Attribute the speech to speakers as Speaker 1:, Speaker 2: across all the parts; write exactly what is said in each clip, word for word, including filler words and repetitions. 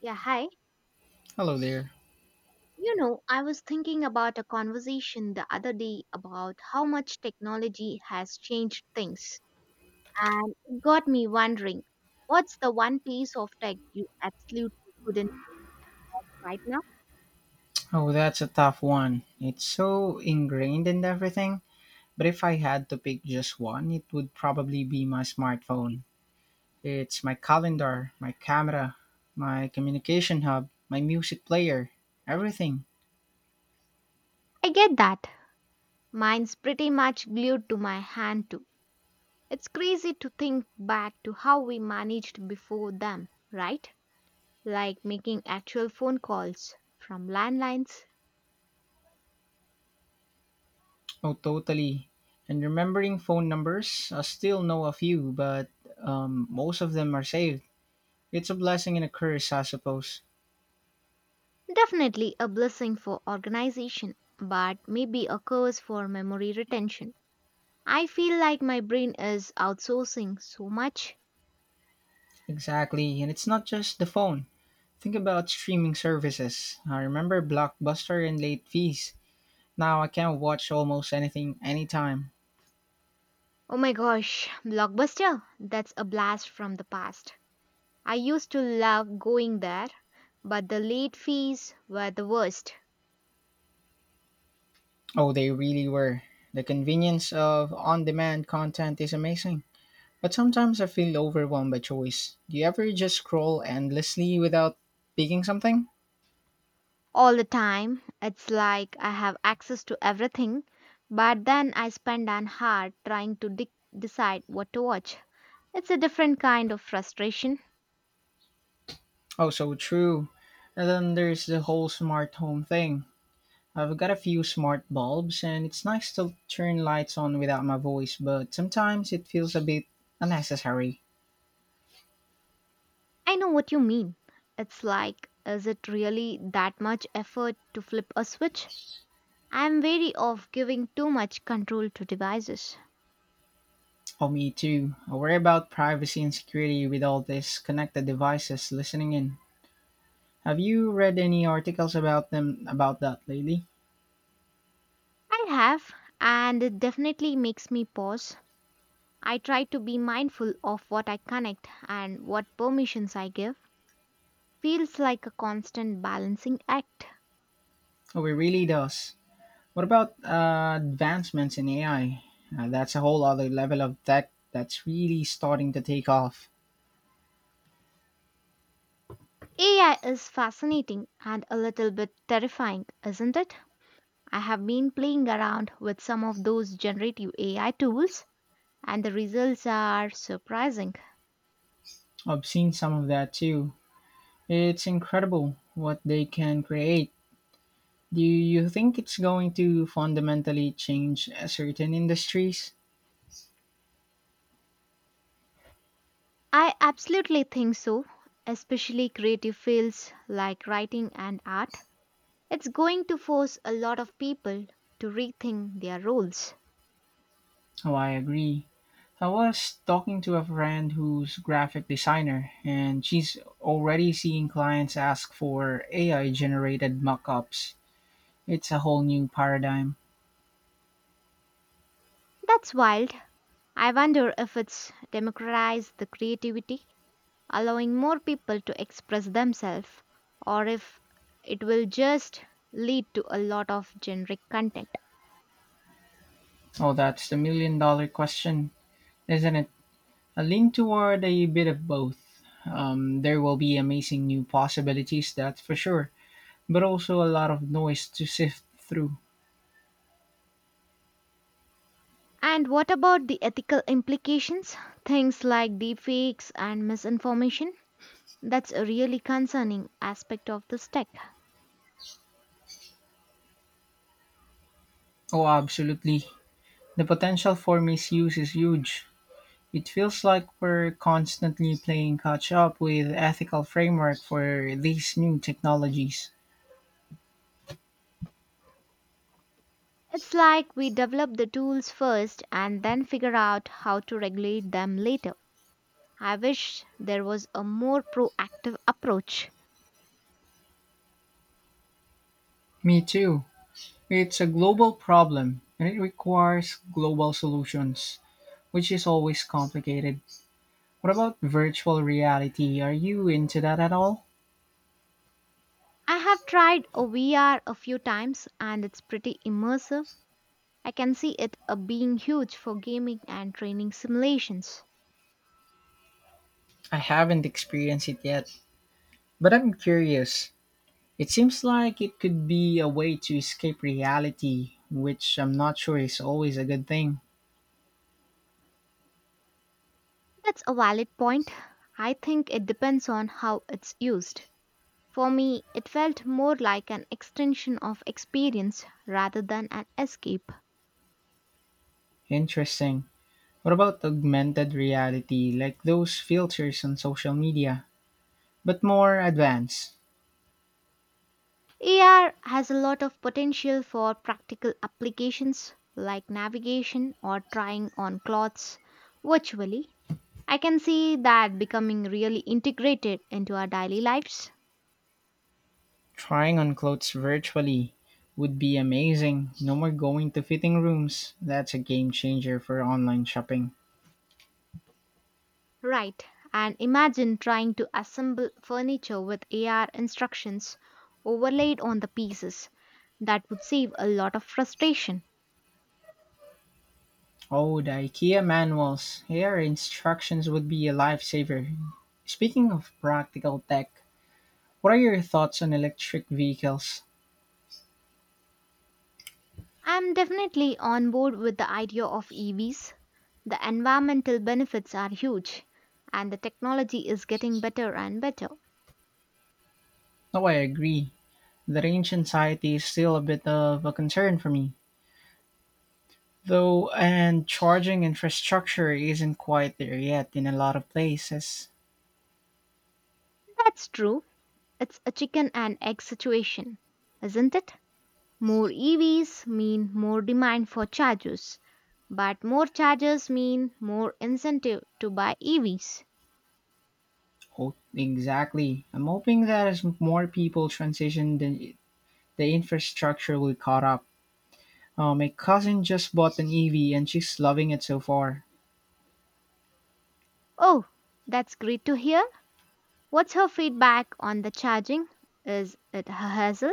Speaker 1: Yeah, hi.
Speaker 2: Hello there.
Speaker 1: You know, I was thinking about a conversation the other day about how much technology has changed things. And it got me wondering, what's the one piece of tech you absolutely couldn't right now?
Speaker 2: Oh, that's a tough one. It's so ingrained in everything. But if I had to pick just one, it would probably be my smartphone. It's my calendar, my camera, my communication hub, my music player, everything.
Speaker 1: I get that. Mine's pretty much glued to my hand too. It's crazy to think back to how we managed before them, right? Like making actual phone calls from landlines.
Speaker 2: Oh, totally. And remembering phone numbers, I still know a few, but um, most of them are saved. It's a blessing and a curse, I suppose.
Speaker 1: Definitely a blessing for organization, but maybe a curse for memory retention. I feel like my brain is outsourcing so much.
Speaker 2: Exactly. And it's not just the phone. Think about streaming services. I remember Blockbuster and late fees. Now I can watch almost anything anytime.
Speaker 1: Oh my gosh, Blockbuster, that's a blast from the past. I used to love going there, but the late fees were the worst.
Speaker 2: Oh, they really were. The convenience of on demand content is amazing. But sometimes I feel overwhelmed by choice. Do you ever just scroll endlessly without picking something?
Speaker 1: All the time, it's like I have access to everything, but then I spend an hour trying to de- decide what to watch. It's a different kind of frustration.
Speaker 2: Oh, so true. And then there's the whole smart home thing. I've got a few smart bulbs, and it's nice to turn lights on without my voice, but sometimes it feels a bit unnecessary.
Speaker 1: I know what you mean. It's like, is it really that much effort to flip a switch? I'm wary of giving too much control to devices.
Speaker 2: Oh, me too. I worry about privacy and security with all these connected devices listening in. Have you read any articles about them about that lately?
Speaker 1: I have, and it definitely makes me pause. I try to be mindful of what I connect and what permissions I give. Feels like a constant balancing act.
Speaker 2: Oh, it really does. What about uh, advancements in A I? Uh, that's a whole other level of tech that's really starting to take off.
Speaker 1: A I is fascinating and a little bit terrifying, isn't it? I have been playing around with some of those generative A I tools and the results are surprising.
Speaker 2: I've seen some of that too. It's incredible what they can create. Do you think it's going to fundamentally change uh, certain industries?
Speaker 1: I absolutely think so, especially creative fields like writing and art. It's going to force a lot of people to rethink their roles.
Speaker 2: Oh, I agree. I was talking to a friend who's graphic designer and she's already seeing clients ask for A I generated mock-ups. It's a whole new paradigm.
Speaker 1: That's wild. I wonder if it's democratized the creativity, allowing more people to express themselves, or if it will just lead to a lot of generic content.
Speaker 2: Oh, that's the million dollar question, isn't it? I lean toward a bit of both. Um, there will be amazing new possibilities, that's for sure, but also a lot of noise to sift through.
Speaker 1: And what about the ethical implications? Things like deepfakes and misinformation? That's a really concerning aspect of this tech.
Speaker 2: Oh, absolutely. The potential for misuse is huge. It feels like we're constantly playing catch up with ethical framework for these new technologies.
Speaker 1: It's like we develop the tools first and then figure out how to regulate them later. I wish there was a more proactive approach.
Speaker 2: Me too. It's a global problem and it requires global solutions, which is always complicated. What about virtual reality? Are you into that at all?
Speaker 1: I have tried a V R a few times and it's pretty immersive. I can see it uh, being huge for gaming and training simulations.
Speaker 2: I haven't experienced it yet, but I'm curious. It seems like it could be a way to escape reality, which I'm not sure is always a good thing.
Speaker 1: That's a valid point. I think it depends on how it's used. For me, it felt more like an extension of experience rather than an escape.
Speaker 2: Interesting. What about augmented reality, like those filters on social media, but more advanced?
Speaker 1: A R has a lot of potential for practical applications like navigation or trying on clothes virtually. I can see that becoming really integrated into our daily lives.
Speaker 2: Trying on clothes virtually would be amazing. No more going to fitting rooms. That's a game changer for online shopping.
Speaker 1: Right, and imagine trying to assemble furniture with A R instructions overlaid on the pieces. That would save a lot of frustration.
Speaker 2: Oh, the IKEA manuals. Here, instructions would be a lifesaver. Speaking of practical tech, what are your thoughts on electric vehicles?
Speaker 1: I'm definitely on board with the idea of E Vs. The environmental benefits are huge, and the technology is getting better and better.
Speaker 2: Oh, I agree. The range anxiety is still a bit of a concern for me, though, and charging infrastructure isn't quite there yet in a lot of places.
Speaker 1: That's true. It's a chicken and egg situation, isn't it? More E Vs mean more demand for chargers, but more chargers mean more incentive to buy E Vs.
Speaker 2: Oh, exactly. I'm hoping that as more people transition, the, the infrastructure will caught up. Uh, my cousin just bought an E V and she's loving it so far.
Speaker 1: Oh, that's great to hear. What's her feedback on the charging? Is it a hassle?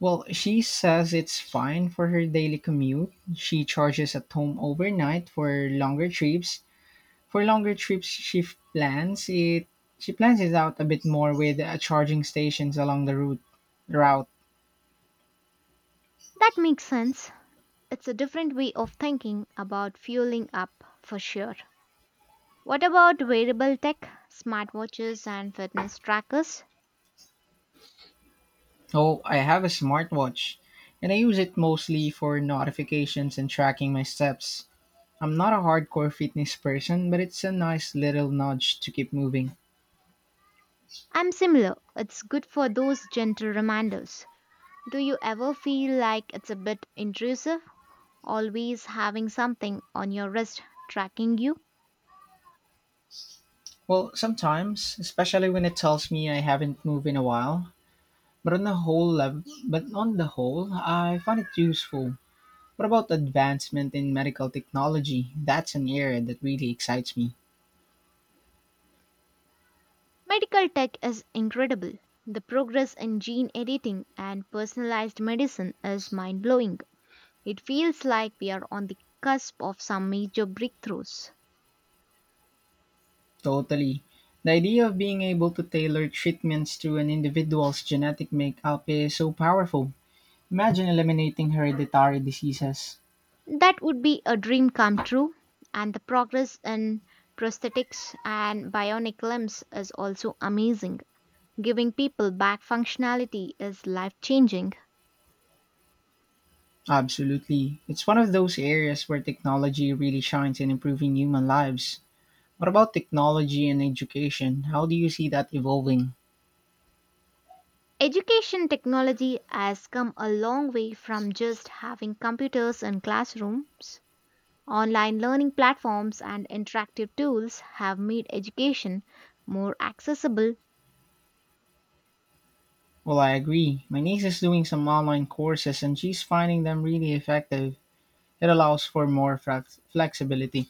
Speaker 2: Well, she says it's fine for her daily commute. She charges at home overnight for longer trips. For longer trips, she f- plans it. She plans it out a bit more with uh, charging stations along the route route.
Speaker 1: That makes sense. It's a different way of thinking about fueling up for sure. What about wearable tech, smartwatches, and fitness trackers?
Speaker 2: Oh, I have a smartwatch, and I use it mostly for notifications and tracking my steps. I'm not a hardcore fitness person, but it's a nice little nudge to keep moving.
Speaker 1: I'm similar. It's good for those gentle reminders. Do you ever feel like it's a bit intrusive, always having something on your wrist tracking you?
Speaker 2: Well, sometimes, especially when it tells me I haven't moved in a while. But on the whole, lev- but on the whole, I find it useful. What about advancement in medical technology? That's an area that really excites me.
Speaker 1: Medical tech is incredible. The progress in gene editing and personalized medicine is mind blowing. It feels like we are on the cusp of some major breakthroughs.
Speaker 2: Totally. The idea of being able to tailor treatments to an individual's genetic makeup is so powerful. Imagine eliminating hereditary diseases.
Speaker 1: That would be a dream come true, and the progress in prosthetics and bionic limbs is also amazing. Giving people back functionality is life changing.
Speaker 2: Absolutely. It's one of those areas where technology really shines in improving human lives. What about technology and education? How do you see that evolving?
Speaker 1: Education technology has come a long way from just having computers in classrooms. Online learning platforms and interactive tools have made education more accessible.
Speaker 2: Well, I agree. My niece is doing some online courses and she's finding them really effective. It allows for more flex- flexibility.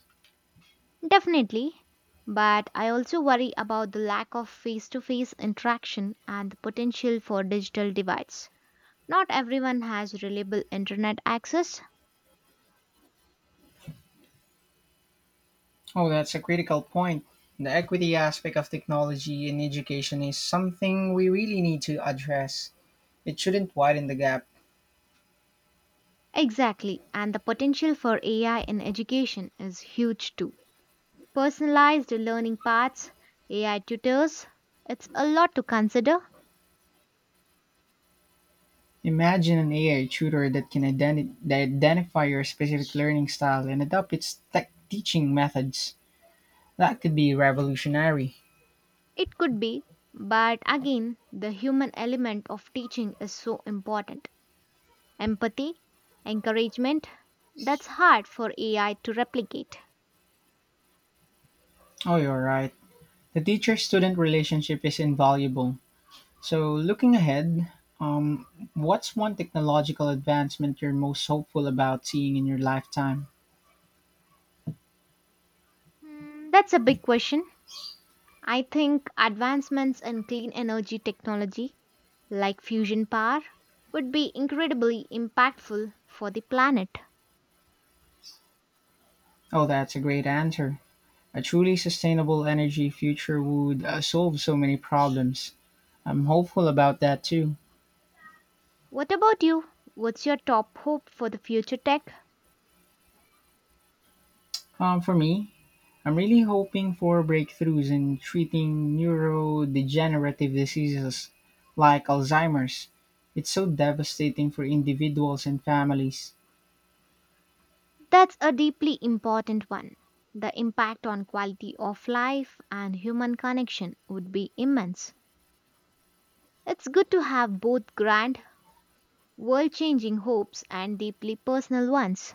Speaker 1: Definitely, but I also worry about the lack of face to face interaction and the potential for digital divides. Not everyone has reliable internet access.
Speaker 2: Oh, that's a critical point. The equity aspect of technology in education is something we really need to address. It shouldn't widen the gap.
Speaker 1: Exactly, and the potential for A I in education is huge too. Personalized learning paths, A I tutors, it's a lot to consider.
Speaker 2: Imagine an A I tutor that can identi- that identify your specific learning style and adapt its tech teaching methods. That could be revolutionary.
Speaker 1: It could be, but again, the human element of teaching is so important. Empathy, encouragement. That's hard for A I to replicate.
Speaker 2: Oh, you're right. The teacher student relationship is invaluable. So, looking ahead, um, what's one technological advancement you're most hopeful about seeing in your lifetime?
Speaker 1: Hmm, that's a big question. I think advancements in clean energy technology, like fusion power, would be incredibly impactful for the planet.
Speaker 2: Oh, that's a great answer. A truly sustainable energy future would uh, solve so many problems. I'm hopeful about that too.
Speaker 1: What about you? What's your top hope for the future tech?
Speaker 2: Um, for me, I'm really hoping for breakthroughs in treating neurodegenerative diseases like Alzheimer's. It's so devastating for individuals and families.
Speaker 1: That's a deeply important one. The impact on quality of life and human connection would be immense. It's good to have both grand world changing hopes and deeply personal ones.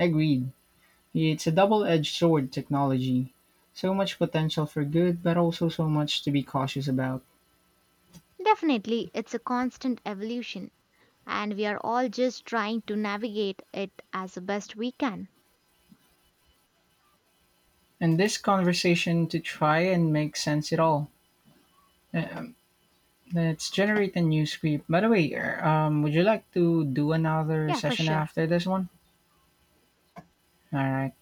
Speaker 2: Agreed. It's a double edged sword, technology. So much potential for good, but also so much to be cautious about.
Speaker 1: Definitely, it's a constant evolution, and we are all just trying to navigate it as best we can.
Speaker 2: And this conversation to try and make sense it all. Uh, Let's generate a new script. By the way, er, um, would you like to do another
Speaker 1: Yeah, for
Speaker 2: session
Speaker 1: sure.
Speaker 2: after this one? All right.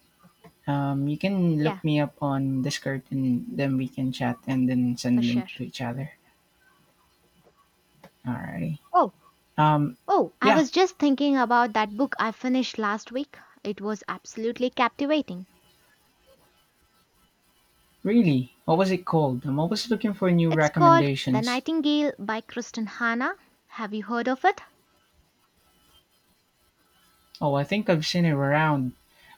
Speaker 2: Um, you can
Speaker 1: Yeah,
Speaker 2: look me up on Discord and then we can chat and then
Speaker 1: for
Speaker 2: send a link
Speaker 1: sure.
Speaker 2: to each other. All
Speaker 1: Oh,
Speaker 2: Um,
Speaker 1: oh, I
Speaker 2: yeah,
Speaker 1: was just thinking about that book I finished last week. It was absolutely captivating.
Speaker 2: really. What was it called? I'm always looking for new
Speaker 1: It's called The
Speaker 2: recommendations.
Speaker 1: Nightingale by Kristen Hanna. Have you heard of it?
Speaker 2: Oh, I think I've seen it around,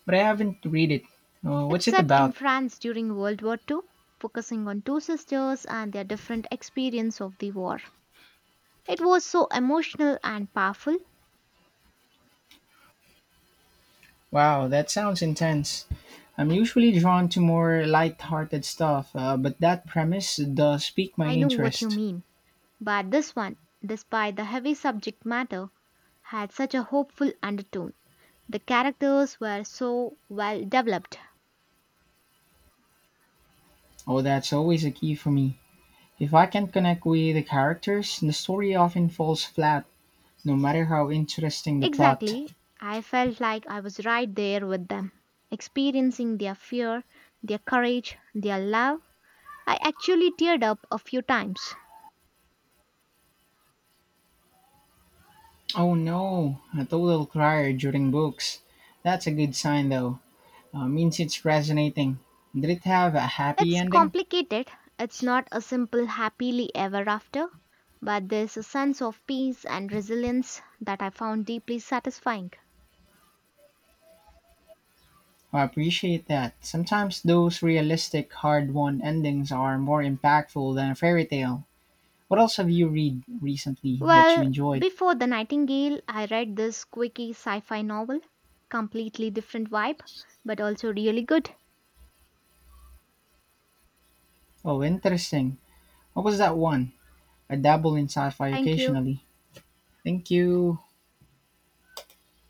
Speaker 2: but I haven't read it. Uh,
Speaker 1: It's
Speaker 2: what's it
Speaker 1: set in
Speaker 2: about?
Speaker 1: France during World War two, focusing on two sisters and their different experience of the war. It was so emotional and powerful.
Speaker 2: Wow, that sounds intense. I'm usually drawn to more light-hearted stuff, uh, but that premise does pique my
Speaker 1: I know what you
Speaker 2: interest.
Speaker 1: mean. But this one, despite the heavy subject matter, had such a hopeful undertone. The characters were so well developed.
Speaker 2: Oh, that's always a key for me. If I can't connect with the characters, the story often falls flat, no matter how interesting the plot.
Speaker 1: Exactly. I felt like I was right there with them, experiencing their fear, their courage, their love. I actually teared up a few times.
Speaker 2: Oh no, a total crier during books. That's a good sign though. Uh, means it's resonating. Did it have a happy
Speaker 1: It's
Speaker 2: ending?
Speaker 1: complicated. It's not a simple happily ever after, but there's a sense of peace and resilience that I found deeply satisfying.
Speaker 2: I appreciate that. Sometimes those realistic, hard won endings are more impactful than a fairy tale. What else have you read recently that you
Speaker 1: Well,
Speaker 2: enjoyed?
Speaker 1: before The Nightingale, I read this quirky sci fi novel. Completely different vibe, but also really good.
Speaker 2: Oh, interesting. What was that one? I dabble in sci fi
Speaker 1: Thank you.
Speaker 2: occasionally. Thank you.